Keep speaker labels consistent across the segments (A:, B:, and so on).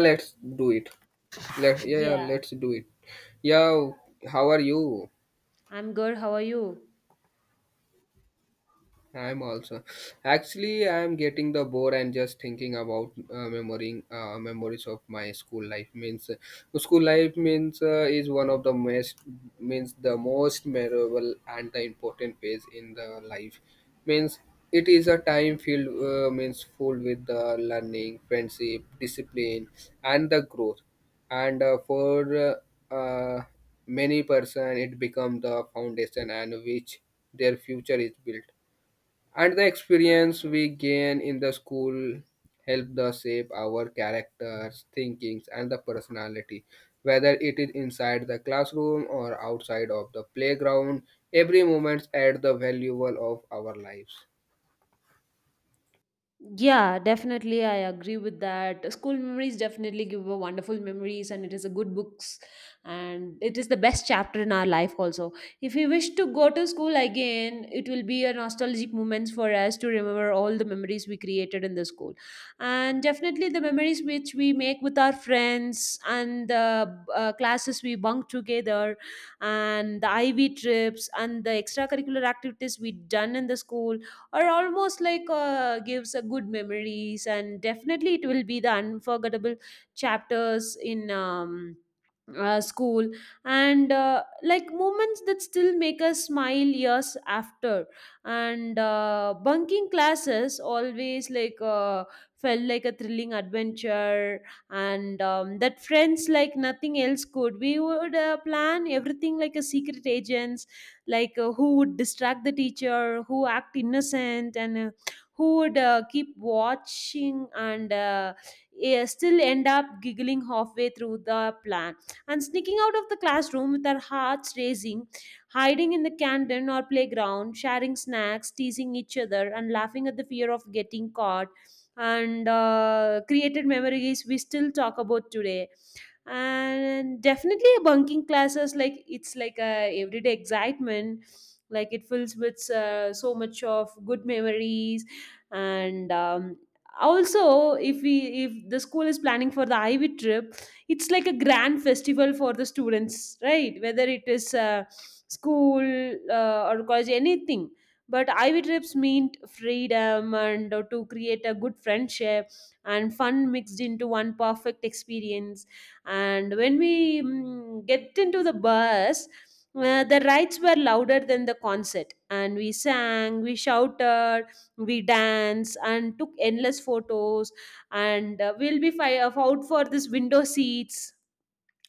A: Let's do it. Let yeah, yeah,
B: Yeah.
A: let's do it. Yeah, how are you?
B: I'm good. How are you?
A: I'm also actually, I'm getting the bore and just thinking about memorying memories of my school life, means is one of the most, means the most memorable and the important phase in the life, means it is a time filled means full with the learning, friendship, discipline, and the growth. And for uh, uh, many person it become the foundation and which their future is built, and the experience we gain in the school help the shape our characters, thinkings, and the personality. Whether it is inside the classroom or outside of the playground, every moment add the valuable of our lives.
B: Yeah, definitely. I agree with that. School memories definitely give a wonderful memories, and it is a good books, and it is the best chapter in our life. Also, if we wish to go to school again, it will be a nostalgic moments for us to remember all the memories we created in the school, and definitely the memories which we make with our friends and the classes we bunk together, and the IV trips and the extracurricular activities we done in the school are almost like gives a good memories, and definitely it will be the unforgettable chapters in school, and like moments that still make us smile years after. And bunking classes always like felt like a thrilling adventure, and that friends like nothing else could. We would plan everything like a secret agents, like who would distract the teacher, who act innocent, and who would keep watching, and still end up giggling halfway through the plan, and sneaking out of the classroom with our hearts racing, hiding in the canteen or playground, sharing snacks, teasing each other, and laughing at the fear of getting caught. And created memories we still talk about today. And definitely bunking classes, like it's like a everyday excitement, like it fills with so much of good memories. And also, if we if the school is planning for the ivy trip, it's like a grand festival for the students, right? Whether it is school or college, anything, but ivy trips mean freedom and to create a good friendship and fun mixed into one perfect experience. And when we get into the bus, the rides were louder than the concert, and we sang, we shouted, we danced, and took endless photos. And out for this window seats,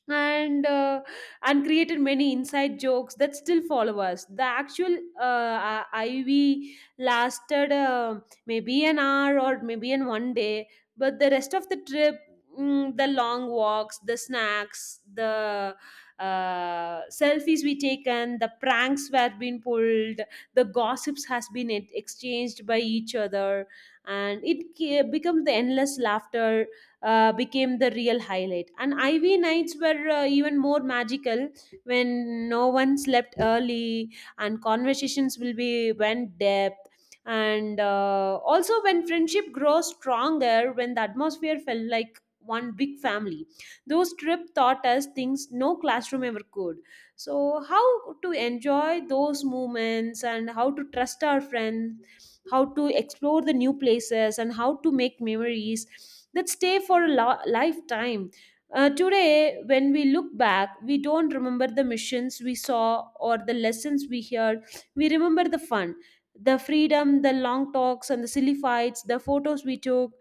B: and and created many inside jokes that still follow us. The actual ivy lasted maybe an hour or maybe in 1 day, but the rest of the trip, the long walks, the snacks, the selfies we taken, the pranks were been pulled, the gossips has been exchanged by each other, and it becomes the endless laughter, became the real highlight. And IV nights were even more magical, when no one slept early and conversations will be went depth. And also when friendship grows stronger, when the atmosphere felt like one big family. Those trip taught us things no classroom ever could. So how to enjoy those moments, and how to trust our friends, how to explore the new places, and how to make memories that stay for a lifetime. Today when we look back, we don't remember the missions we saw or the lessons we heard, we remember the fun, the freedom, the long talks and the silly fights, the photos we took,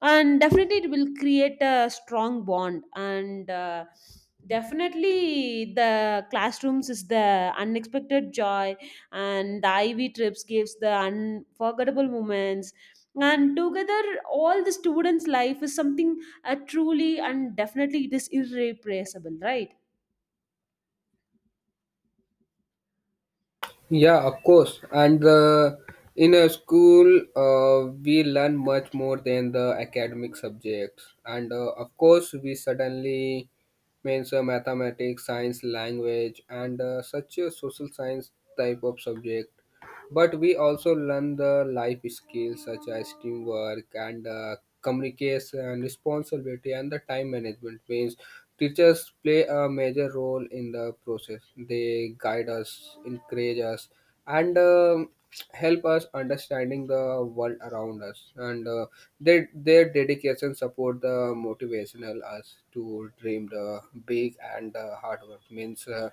B: and definitely it will create a strong bond. And definitely the classrooms is the unexpected joy, and the I V trips gives the unforgettable moments, and together, all the students life is something truly, and definitely it is irreplaceable, right?
A: Yeah, of course. And in a school, we learn much more than the academic subjects. And of course, we suddenly, means mathematics, science, language, and such a social science type of subject, but we also learn the life skills such as teamwork and communication, responsibility, and the time management, means teachers play a major role in the process. They guide us, encourage us, and help us understanding the world around us, and their dedication support the motivational us to dream the big and hard work, means uh,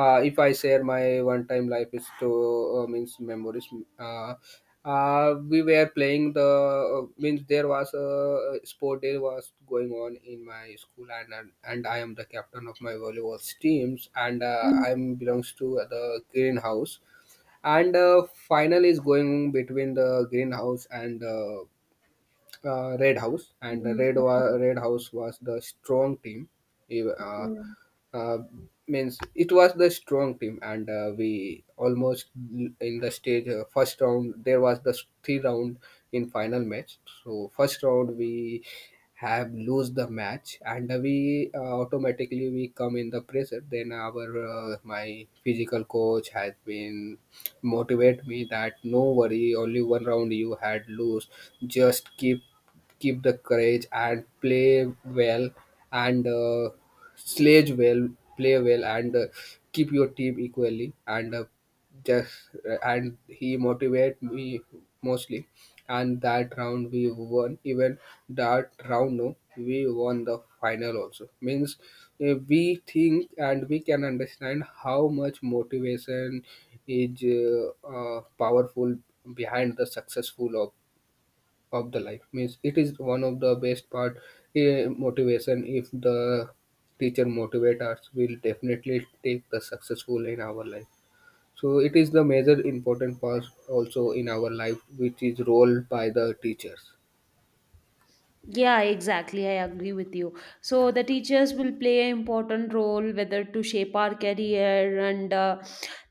A: uh, if I share my one time life is to means memories, uh, we were playing the means there was a sport day was going on in my school, and and I am the captain of my volleyball teams and
B: Mm,
A: I'm belongs to the greenhouse, and final is going between the greenhouse and red house, and the
B: mm, mm,
A: red house was the strong team. Ev- uh,
B: mm.
A: uh, means it was the strong team, and we almost in the stage, first round there was the three round in final match. So first round we have lose the match, and we automatically we come in the pressure. Then our my physical coach has been motivate me that no worry, only one round you had lose, just keep the courage and play well, and sledge well, play well, and keep your team equally, and just and he motivate me mostly. And that round we won, even that round, no, we won the final also, means we think and we can understand how much motivation is powerful behind the successful of the life, means it is one of the best part. Motivation, if the teacher motivate us, will definitely take the successful in our life. So it is the major important part also in our life, which is role by the teachers.
B: Yeah, exactly. I agree with you. So the teachers will play an important role, whether to shape our career, and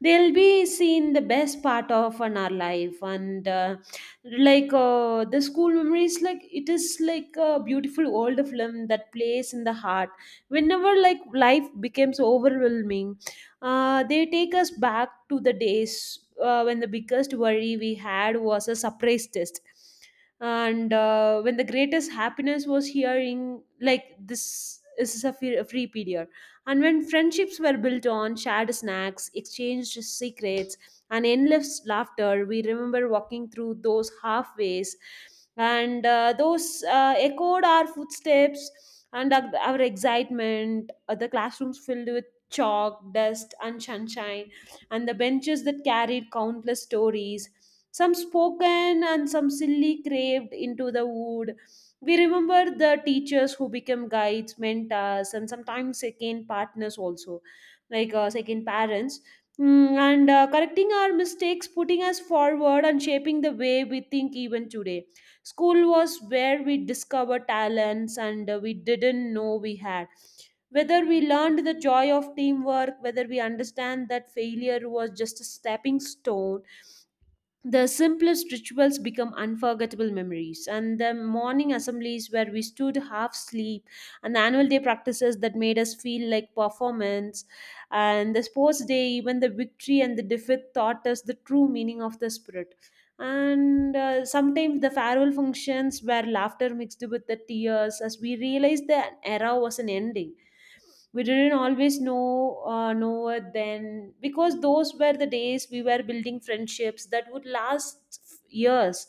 B: they'll be seen the best part of in our life. And the school memories, like it is like a beautiful old film that plays in the heart, whenever like life becomes overwhelming. They take us back to the days when the biggest worry we had was a surprise test, and when the greatest happiness was hearing like, this is a free period, and when friendships were built on shared snacks, exchanged secrets, and endless laughter. We remember walking through those halfways, and those echoed our footsteps and our excitement, the classrooms filled with chalk, dust, and sunshine, and the benches that carried countless stories, some spoken and some silly craved into the wood. We remember the teachers who become guides, mentors, and sometimes second partners also, like second parents. Mm. And correcting our mistakes, putting us forward, and shaping the way we think even today. School was where we discovered talents and we didn't know we had. Whether we learned the joy of teamwork, whether we understand that failure was just a stepping stone, the simplest rituals become unforgettable memories, and the morning assemblies where we stood half asleep, and the annual day practices that made us feel like performance, and the sports day, even the victory and the defeat taught us the true meaning of the spirit. And sometimes the farewell functions where laughter mixed with the tears as we realized the era was an ending. We didn't always know it then, because those were the days we were building friendships that would last years,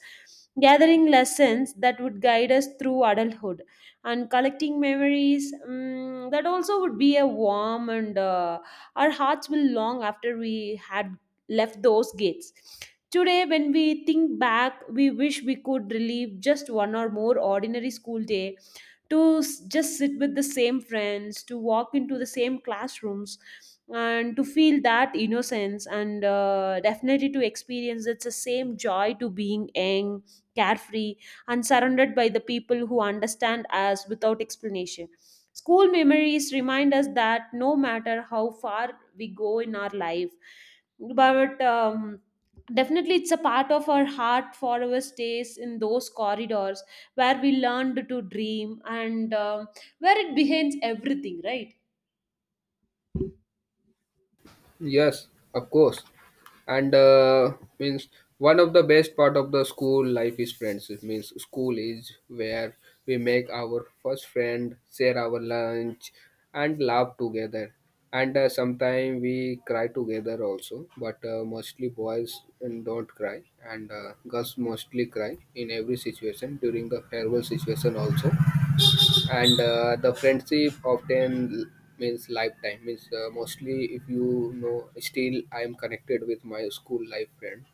B: gathering lessons that would guide us through adulthood, and collecting memories that also would be a warm, and our hearts will long after we had left those gates. Today when we think back, we wish we could relive just one or more ordinary school day, to just sit with the same friends, to walk into the same classrooms, and to feel that innocence, and definitely to experience it's the same joy, to being young, carefree, and surrounded by the people who understand us without explanation. School memories remind us that no matter how far we go in our life, but definitely it's a part of our heart forever stays in those corridors, where we learned to dream, and where it behind everything, right?
A: Yes, of course. And means one of the best part of the school life is friends. It means school is where we make our first friend, share our lunch, and laugh together. And sometimes we cry together also, but mostly boys and don't cry, and girls mostly cry in every situation during the farewell situation also. And the friendship often means lifetime, means mostly, if you know, still I am connected with my school life friend.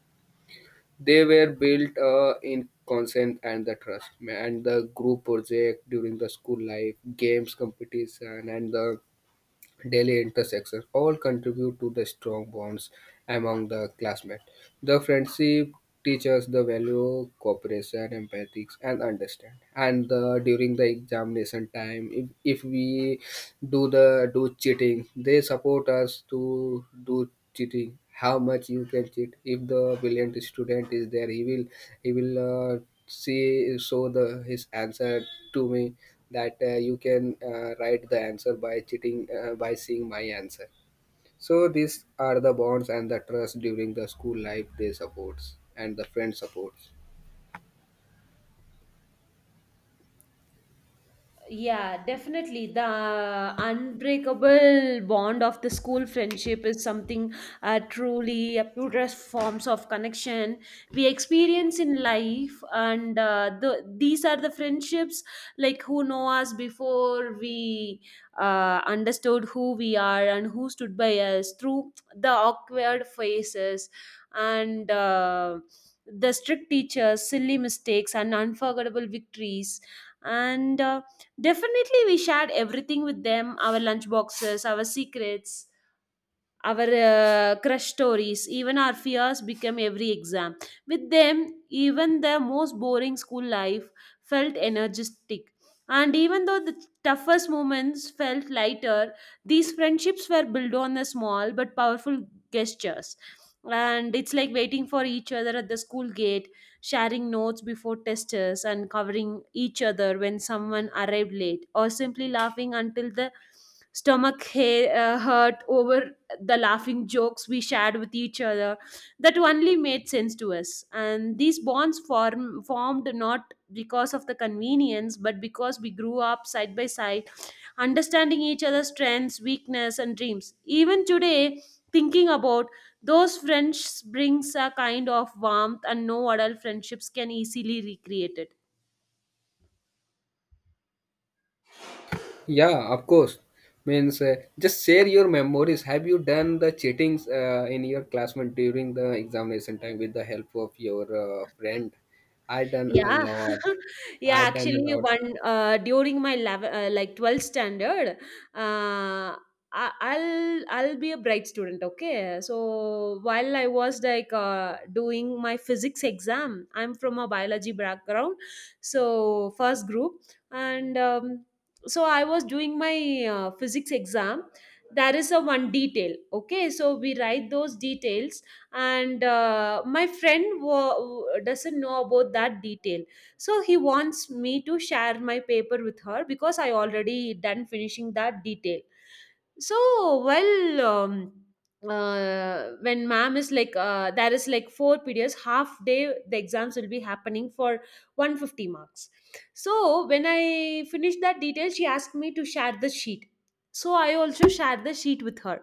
A: They were built in consent and the trust and the group project during the school life games competition, and the daily intersections all contribute to the strong bonds among the classmates. The friendship teaches the value cooperation, empathy, and understand. And the, during the examination time, if we do the do cheating, they support us to do cheating. How much you can cheat? If the brilliant student is there, he will see show the his answer to me, that you can write the answer by cheating, by seeing my answer. So these are the bonds and the trust during the school life, they supports and the friend supports.
B: Yeah, definitely. The unbreakable bond of the school friendship is something truly purest forms of connection we experience in life, and the these are the friendships, like who know us before we understood who we are, and who stood by us through the awkward phases. And. The strict teachers, silly mistakes, and unforgettable victories, and definitely, we shared everything with them, our lunch boxes, our secrets, our crush stories, even our fears became every exam. With them, even the most boring school life felt energetic. And even though the toughest moments felt lighter, these friendships were built on the small but powerful gestures. And it's like waiting for each other at the school gate, sharing notes before testers, and covering each other when someone arrived late, or simply laughing until the stomach hurt over the laughing jokes we shared with each other that only made sense to us. And these bonds formed not because of the convenience, but because we grew up side by side, understanding each other's strengths, weakness, and dreams. Even today, thinking about those friendships brings a kind of warmth, and no adult friendships can easily recreate it.
A: Yeah, of course. Means just share your memories, have you done the cheatings in your classmate during the examination time with the help of your friend? I done a
B: Yeah,
A: lot.
B: yeah.
A: I done a
B: Actually,
A: lot.
B: one during my 11, like 12th standard, uh, I'll be a bright student. Okay, so while I was like doing my physics exam, I'm from a biology background, so first group, and so I was doing my physics exam. There is a one detail. Okay, so we write those details, and my friend doesn't know about that detail, so he wants me to share my paper with her, because I already done finishing that detail. So well, when ma'am is like there is like four periods half day, the exams will be happening for 150 marks. So when I finished that detail, she asked me to share the sheet, so I also shared the sheet with her.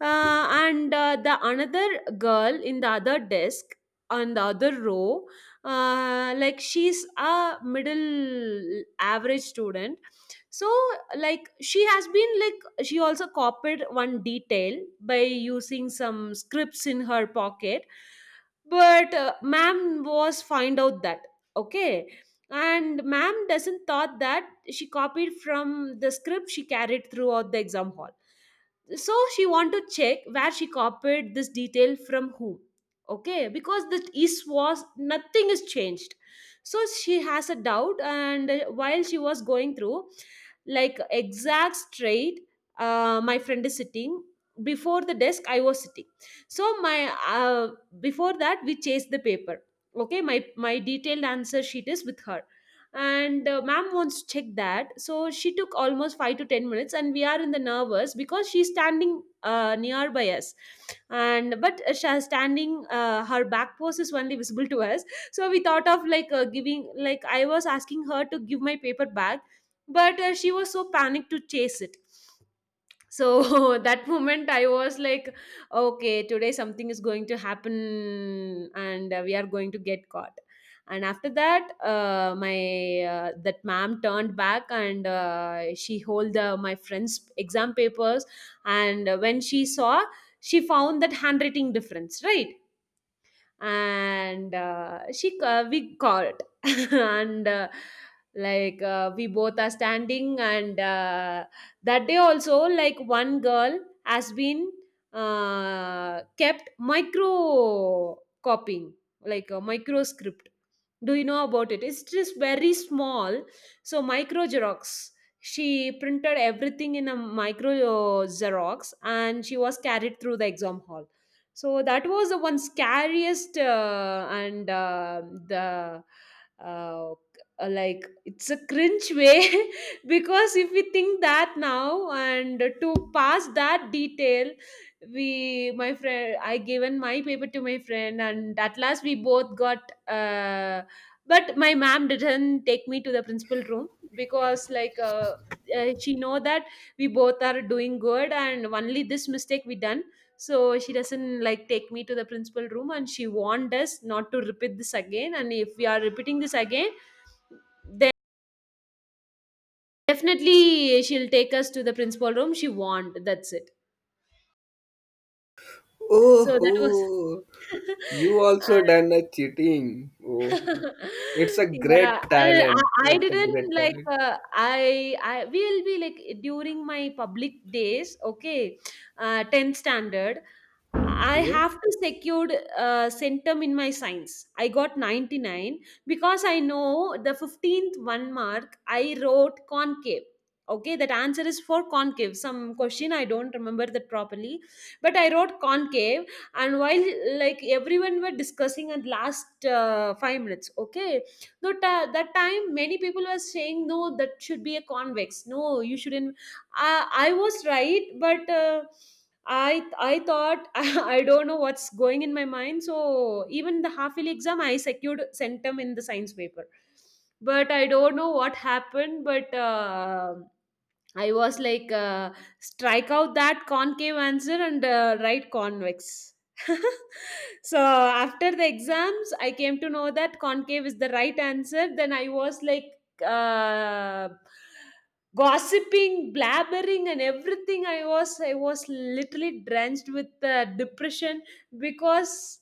B: And The another girl in the other desk, on the other row, like she's a middle average student, so like she has been, like she also copied one detail by using some scripts in her pocket. But ma'am was find out that, okay, and ma'am doesn't thought that she copied from the script she carried throughout the exam hall. So she want to check where she copied this detail from, who. Okay, because the is was nothing is changed, so she has a doubt. And while she was going through like exact straight, my friend is sitting before the desk I was sitting. So my uh, before that we chased the paper. Okay, my detailed answer sheet is with her. And ma'am wants to check that, so she took almost 5 to 10 minutes, and we are in the nervous because she's standing nearby us. And but she is standing, her back pose is only visible to us. So we thought of like giving, like I was asking her to give my paper back, but she was so panicked to chase It. That moment I was like, okay, today something is going to happen, and we are going to get caught. And after that, my that ma'am turned back and she hold my friend's exam papers. And when she saw, she found that handwriting difference, right? And she we caught. and like We both are standing, and that day also, like, one girl has been kept micro copying, like a micro script. Do you know about it? It's just very small. So micro xerox, she printed everything in a micro xerox, and she was carried through the exam hall. So that was the one scariest. And the uh, like, it's a cringe way. Because if we think that now and to pass that detail, we my friend, I given my paper to my friend, and at last we both got. uh, but my mom didn't take me to the principal room, because she know that we both are doing good and only this mistake we done. So she doesn't like take me to the principal room, and she warned us not to repeat this again, and if we are repeating this again, definitely she'll take us to the principal room. She warned, that's it. So
A: Oh,
B: that was
A: oh, you
B: uh,
A: also done a cheating. Oh, it's a
B: yeah,
A: great
B: I
A: talent.
B: I
A: It's a
B: didn't
A: great
B: like,
A: talent.
B: I will be like during my public days, okay, 10th standard, I
A: Okay.
B: have to secured centum in my science. I got 99, because I know the 15th one mark I wrote concave. Okay, that answer is for concave. Some question I don't remember that properly, but I wrote concave. And while, like, everyone were discussing at last 5 minutes, okay, no ta- that time many people were saying, no, that should be a convex, no, you shouldn't. I was right, but I thought I don't know what's going in my mind. So even the half yearly exam I secured centum in the science paper, but I don't know what happened. But I was like, strike out that concave answer and write convex. So after the exams, I came to know that concave is the right answer. Then I was like, uh, gossiping, blabbering, and everything. I was literally drenched with depression, because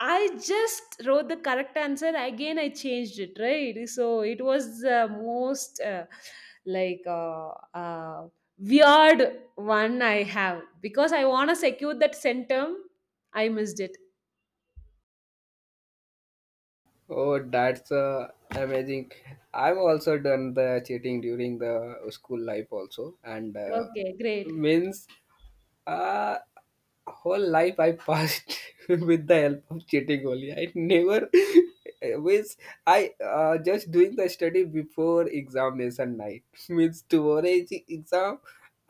B: I just wrote the correct answer. Again, I changed it. Right, so it was the most. Like uh, uh, Weird one I have, because I want to secure that centum, I missed it.
A: Oh, that's amazing. I've also done the cheating during the school life also, and
B: Okay, great.
A: means Uh, whole life I passed with the help of cheating only. I never means I just doing the study before examination night means tomorrow is the exam.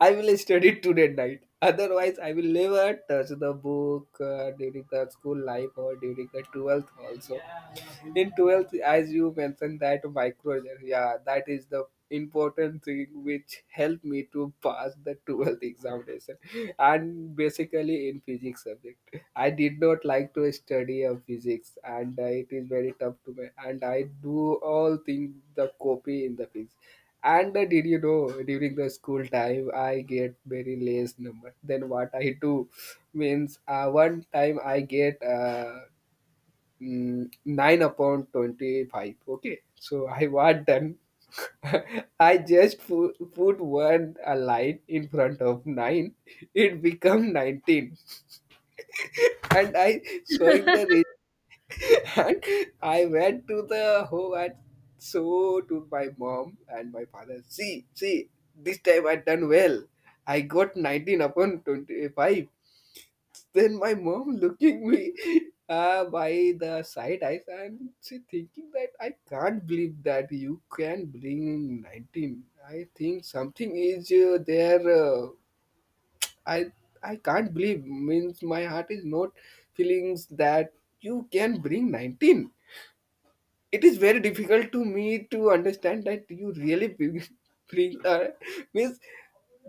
A: I will study today night. Otherwise, I will never touch the book during the school life or during the 12th also. In 12th, as you mentioned that microjet, yeah, that is the important thing which helped me to pass the 12th examination. And basically in physics subject I did not like to study of physics, and it is very tough to me, and I do all things the copy in the physics. And did you know during the school time I get very less number? Then what I do, means one time I get 9 upon 25. Okay, so I was done. I just put one a line in front of 9, it become 19. And I showing the result. And I went to the home and so to my mom and my father, see, this time I done well, I got 19 upon 25. Then my mom looking me by the side eyes, and she thinking that, I can't believe that you can bring 19. I think something is there. I I can't believe, means my heart is not feelings that you can bring 19, it is very difficult to me to understand that you really bring her. Means,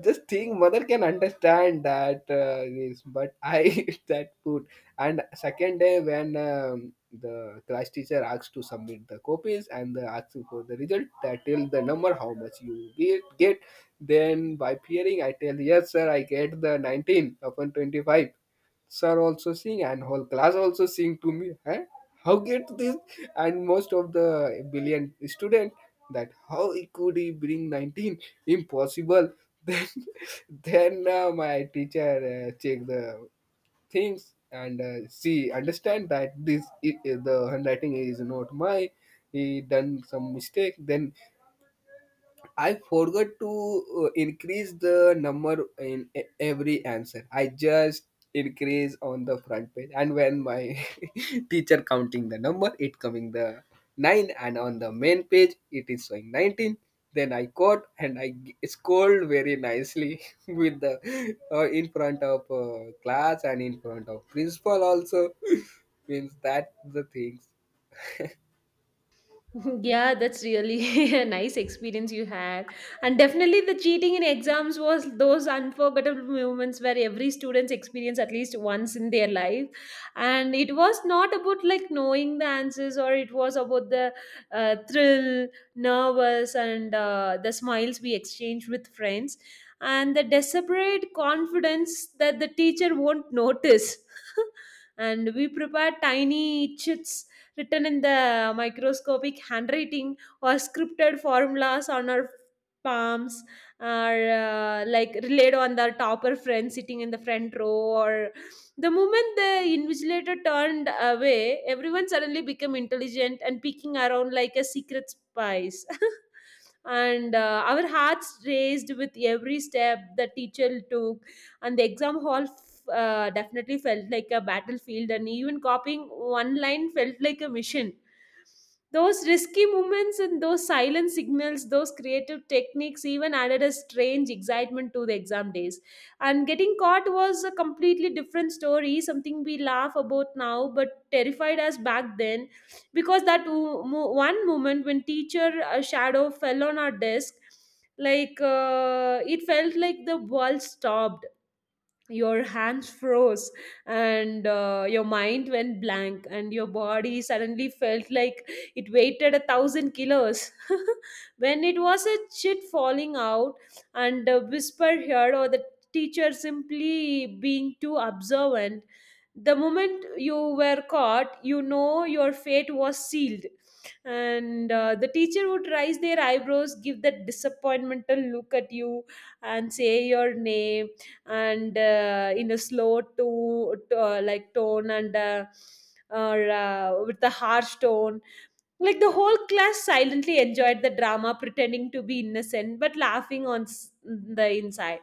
A: just think, mother can understand that this, but I eat that food. And second day, when the class teacher asks to submit the copies and the asking for the result, that tell the number how much you get. Then by peering, I tell, yes, sir, I get the 19 upon 25. Sir also sing, and whole class also sing to me, eh? How get this? And most of the billion student, that how he could he bring 19, impossible. then then my teacher check the things and see understand that this the handwriting is not my. He done some mistake. Then I forgot to increase the number in every answer. I just increase on the front page, and when my teacher counting the number, it coming the nine, and on the main page it is showing 19. Then I caught and scold very nicely with the in front of class and in front of principal also. Means that the things.
B: Yeah, that's really a nice experience you had. And definitely the cheating in exams was those unforgettable moments where every student's experience at least once in their life. And it was not about, like, knowing the answers, or it was about the thrill, nervous, and the smiles we exchanged with friends and the desperate confidence that the teacher won't notice. And we prepared tiny chits written in the microscopic handwriting, or scripted formulas on our palms, or like, relayed on the topper friend sitting in the front row. Or the moment the invigilator turned away, everyone suddenly became intelligent and peeking around like a secret spies. And our hearts raced with every step the teacher took, and the exam hall definitely felt like a battlefield, and even copying one line felt like a mission. Those risky movements and those silent signals, those creative techniques, even added a strange excitement to the exam days. And getting caught was a completely different story, something we laugh about now but terrified us back then, because that one moment when teacher shadow fell on our desk, it felt like the world stopped, your hands froze, and your mind went blank, and your body suddenly felt like it weighted a thousand kilos. When it was a chit falling out and a whisper here, or the teacher simply being too observant, the moment you were caught, you know, your fate was sealed. And the teacher would raise their eyebrows, give that disappointmental look at you and say your name. And in a slow to like tone, and or with a harsh tone, like, the whole class silently enjoyed the drama, pretending to be innocent but laughing on the inside.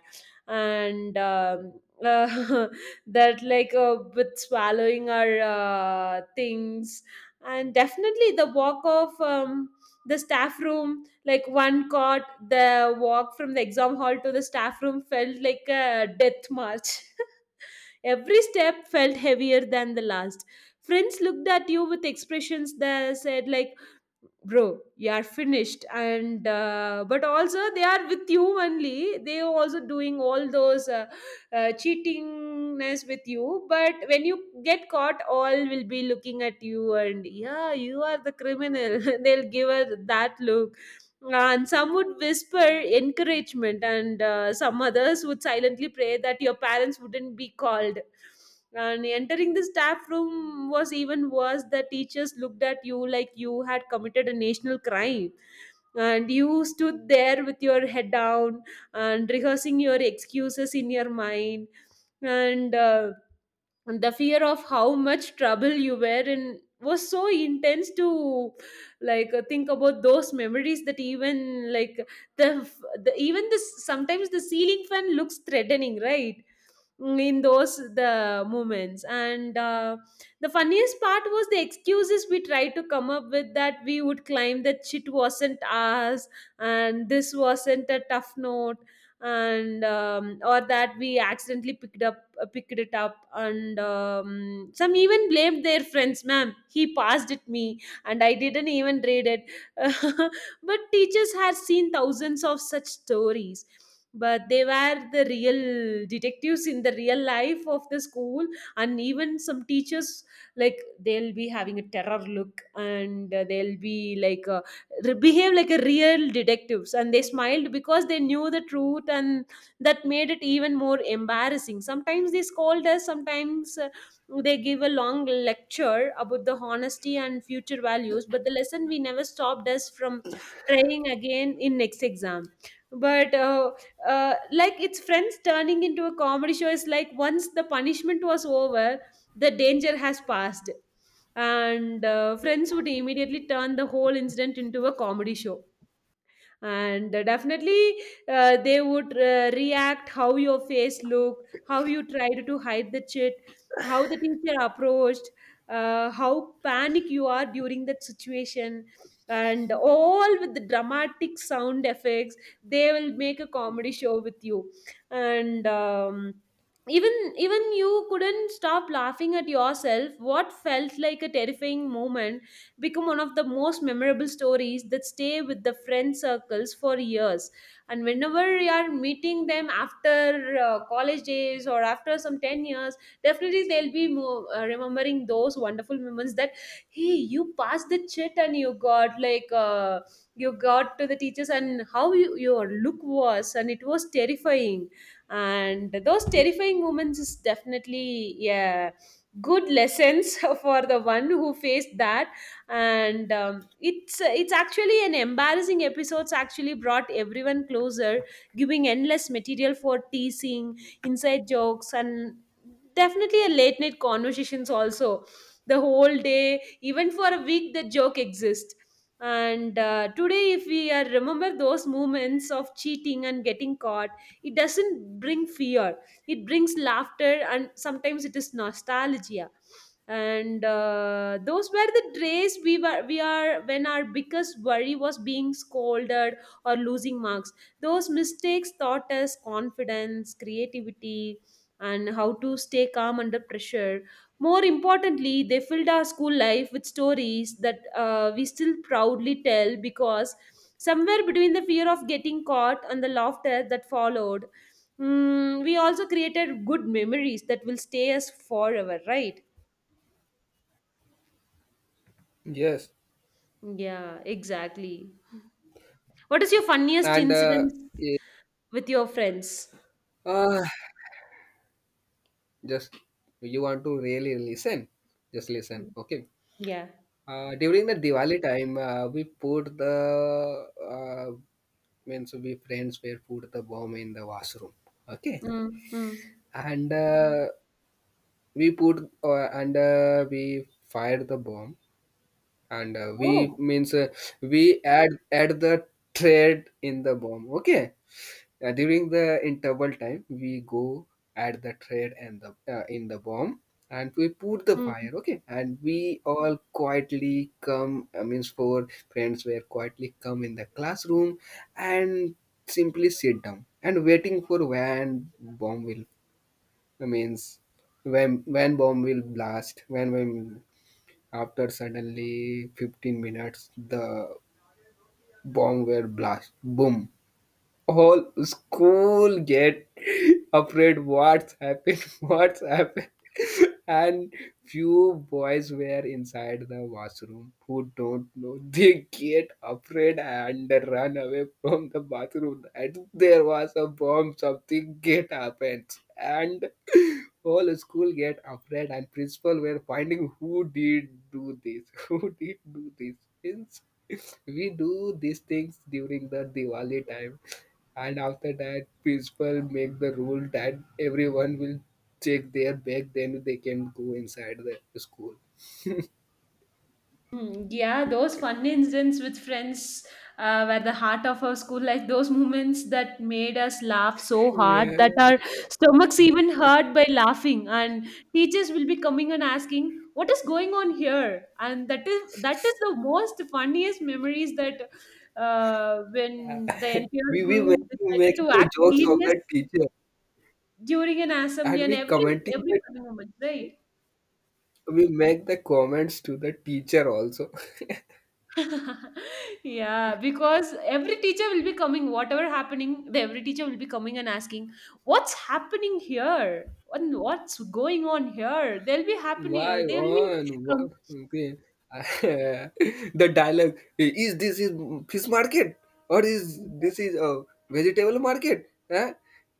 B: And that, with swallowing our things, and definitely the walk of the staff room, like, one caught, the walk from the exam hall to the staff room felt like a death march. Every step felt heavier than the last. Friends looked at you with expressions that said, like, bro, you are finished. And but also they are with you only, they are also doing all those cheatingness with you. But when you get caught, all will be looking at you, and yeah, you are the criminal. They'll give us that look. And some would whisper encouragement, and some others would silently pray that your parents wouldn't be called. And entering the staff room was even worse. The teachers looked at you like you had committed a national crime, and you stood there with your head down and rehearsing your excuses in your mind. And the fear of how much trouble you were in was so intense to, think about those memories that even, like, the, even this, sometimes the ceiling fan looks threatening, right? Mm, in those the moments. And the funniest part was the excuses we tried to come up with, that we would claim that shit wasn't ours and this wasn't a tough note. And or that we accidentally picked up, picked it up. And some even blamed their friends, ma'am, he passed it me and I didn't even read it. But teachers had seen thousands of such stories, but they were the real detectives in the real life of the school. And even some teachers, like, they'll be having a terror look, and they'll be like, behave like a real detectives, and they smiled because they knew the truth. And that made it even more embarrassing. Sometimes they scold us, sometimes they give a long lecture about the honesty and future values, but the lesson we never stopped us from trying again in next exam. But Like, its friends turning into a comedy show. Is like once the punishment was over, the danger has passed, and friends would immediately turn the whole incident into a comedy show. And definitely they would react how your face looked, how you tried to hide the chit, how the teacher approached, how panic you are during that situation, and all with the dramatic sound effects. They will make a comedy show with you. And even you couldn't stop laughing at yourself. What felt like a terrifying moment become one of the most memorable stories that stay with the friend circles for years. And whenever you are meeting them after college days, or after some 10 years, definitely they'll be remembering those wonderful moments, that hey, you passed the chit and you got like, you got to the teachers, and how you, your look was, and it was terrifying. And those terrifying moments is definitely, yeah, good lessons for the one who faced that. And it's actually an embarrassing episodes actually brought everyone closer, giving endless material for teasing, inside jokes, and definitely a late night conversations also. The whole day, even for a week, the joke exists. And today if we remember those moments of cheating and getting caught, it doesn't bring fear, it brings laughter, and sometimes it is nostalgia. And those were the days we are, when our biggest worry was being scolded or losing marks. Those mistakes taught us confidence, creativity, and how to stay calm under pressure. More importantly, they filled our school life with stories that we still proudly tell, because somewhere between the fear of getting caught and the laughter that followed, mm, we also created good memories that will stay us forever, right?
A: Yes.
B: Yeah, exactly. What is your funniest
A: And
B: incident with your friends?
A: yeah. Just, you want to really listen, just listen,
B: Mm.
A: okay.
B: Yeah.
A: During the Diwali time, we put the means, we friends were put the bomb in the washroom, okay.
B: Mm, mm.
A: And we put and we fired the bomb. And we, means we add the thread in the bomb, okay. During the interval time, we go at the thread and the in the bomb, and we put the
B: Oh.
A: fire. Okay, and we all quietly come. I means, four friends were quietly come in the classroom, and simply sit down and waiting for when bomb will. I means, when, bomb will blast. When after suddenly 15 minutes the bomb will blast. Boom! All school get afraid, what's happened, what's happened. And few boys were inside the washroom who don't know. They get afraid and run away from the bathroom. And there was a bomb, something get happened. And whole school get afraid and principal were finding who did do this, who did do this. Means we do these things during the Diwali time, and after that principal make the rule that everyone will check their bag then they can go inside the school.
B: Hmm, yeah, those fun incidents with friends were the heart of our school life. Those moments that made us laugh so hard
A: Yeah.
B: that our stomachs even hurt by laughing, and teachers will be coming and asking, "What is going on here?" And that is, that is the most funniest memories, that when the entire
A: We make,
B: group decided
A: making
B: to
A: the
B: act
A: jokes of
B: serious
A: the teacher,
B: during an assembly,
A: and
B: and
A: we commenting
B: every
A: that
B: funny moment, right?
A: we make the comments to the teacher also.
B: Yeah, because every teacher will be coming, whatever happening, the every teacher will be coming and asking, what's happening here and what's going on here. They'll be happening,
A: Why
B: they'll be
A: on?
B: com-
A: Okay. The dialogue, "Hey, is this is fish market, or is this is a vegetable market? Huh?"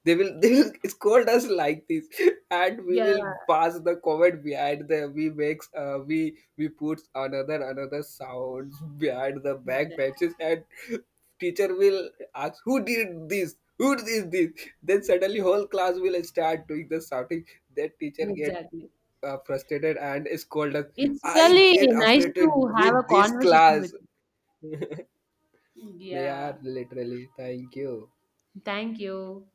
A: They will scold us like this, and we
B: yeah,
A: will pass the comment behind, the we makes we put another sounds behind the back
B: exactly,
A: benches, and teacher will ask who did this, who did this. Then suddenly whole class will start doing the shouting, that teacher get
B: exactly.
A: frustrated and scolded.
B: It's
A: I
B: really
A: get
B: nice
A: frustrated
B: to have a
A: with this
B: conversation with
A: class.
B: you.
A: They
B: Yeah,
A: are literally. Thank you.
B: thank you.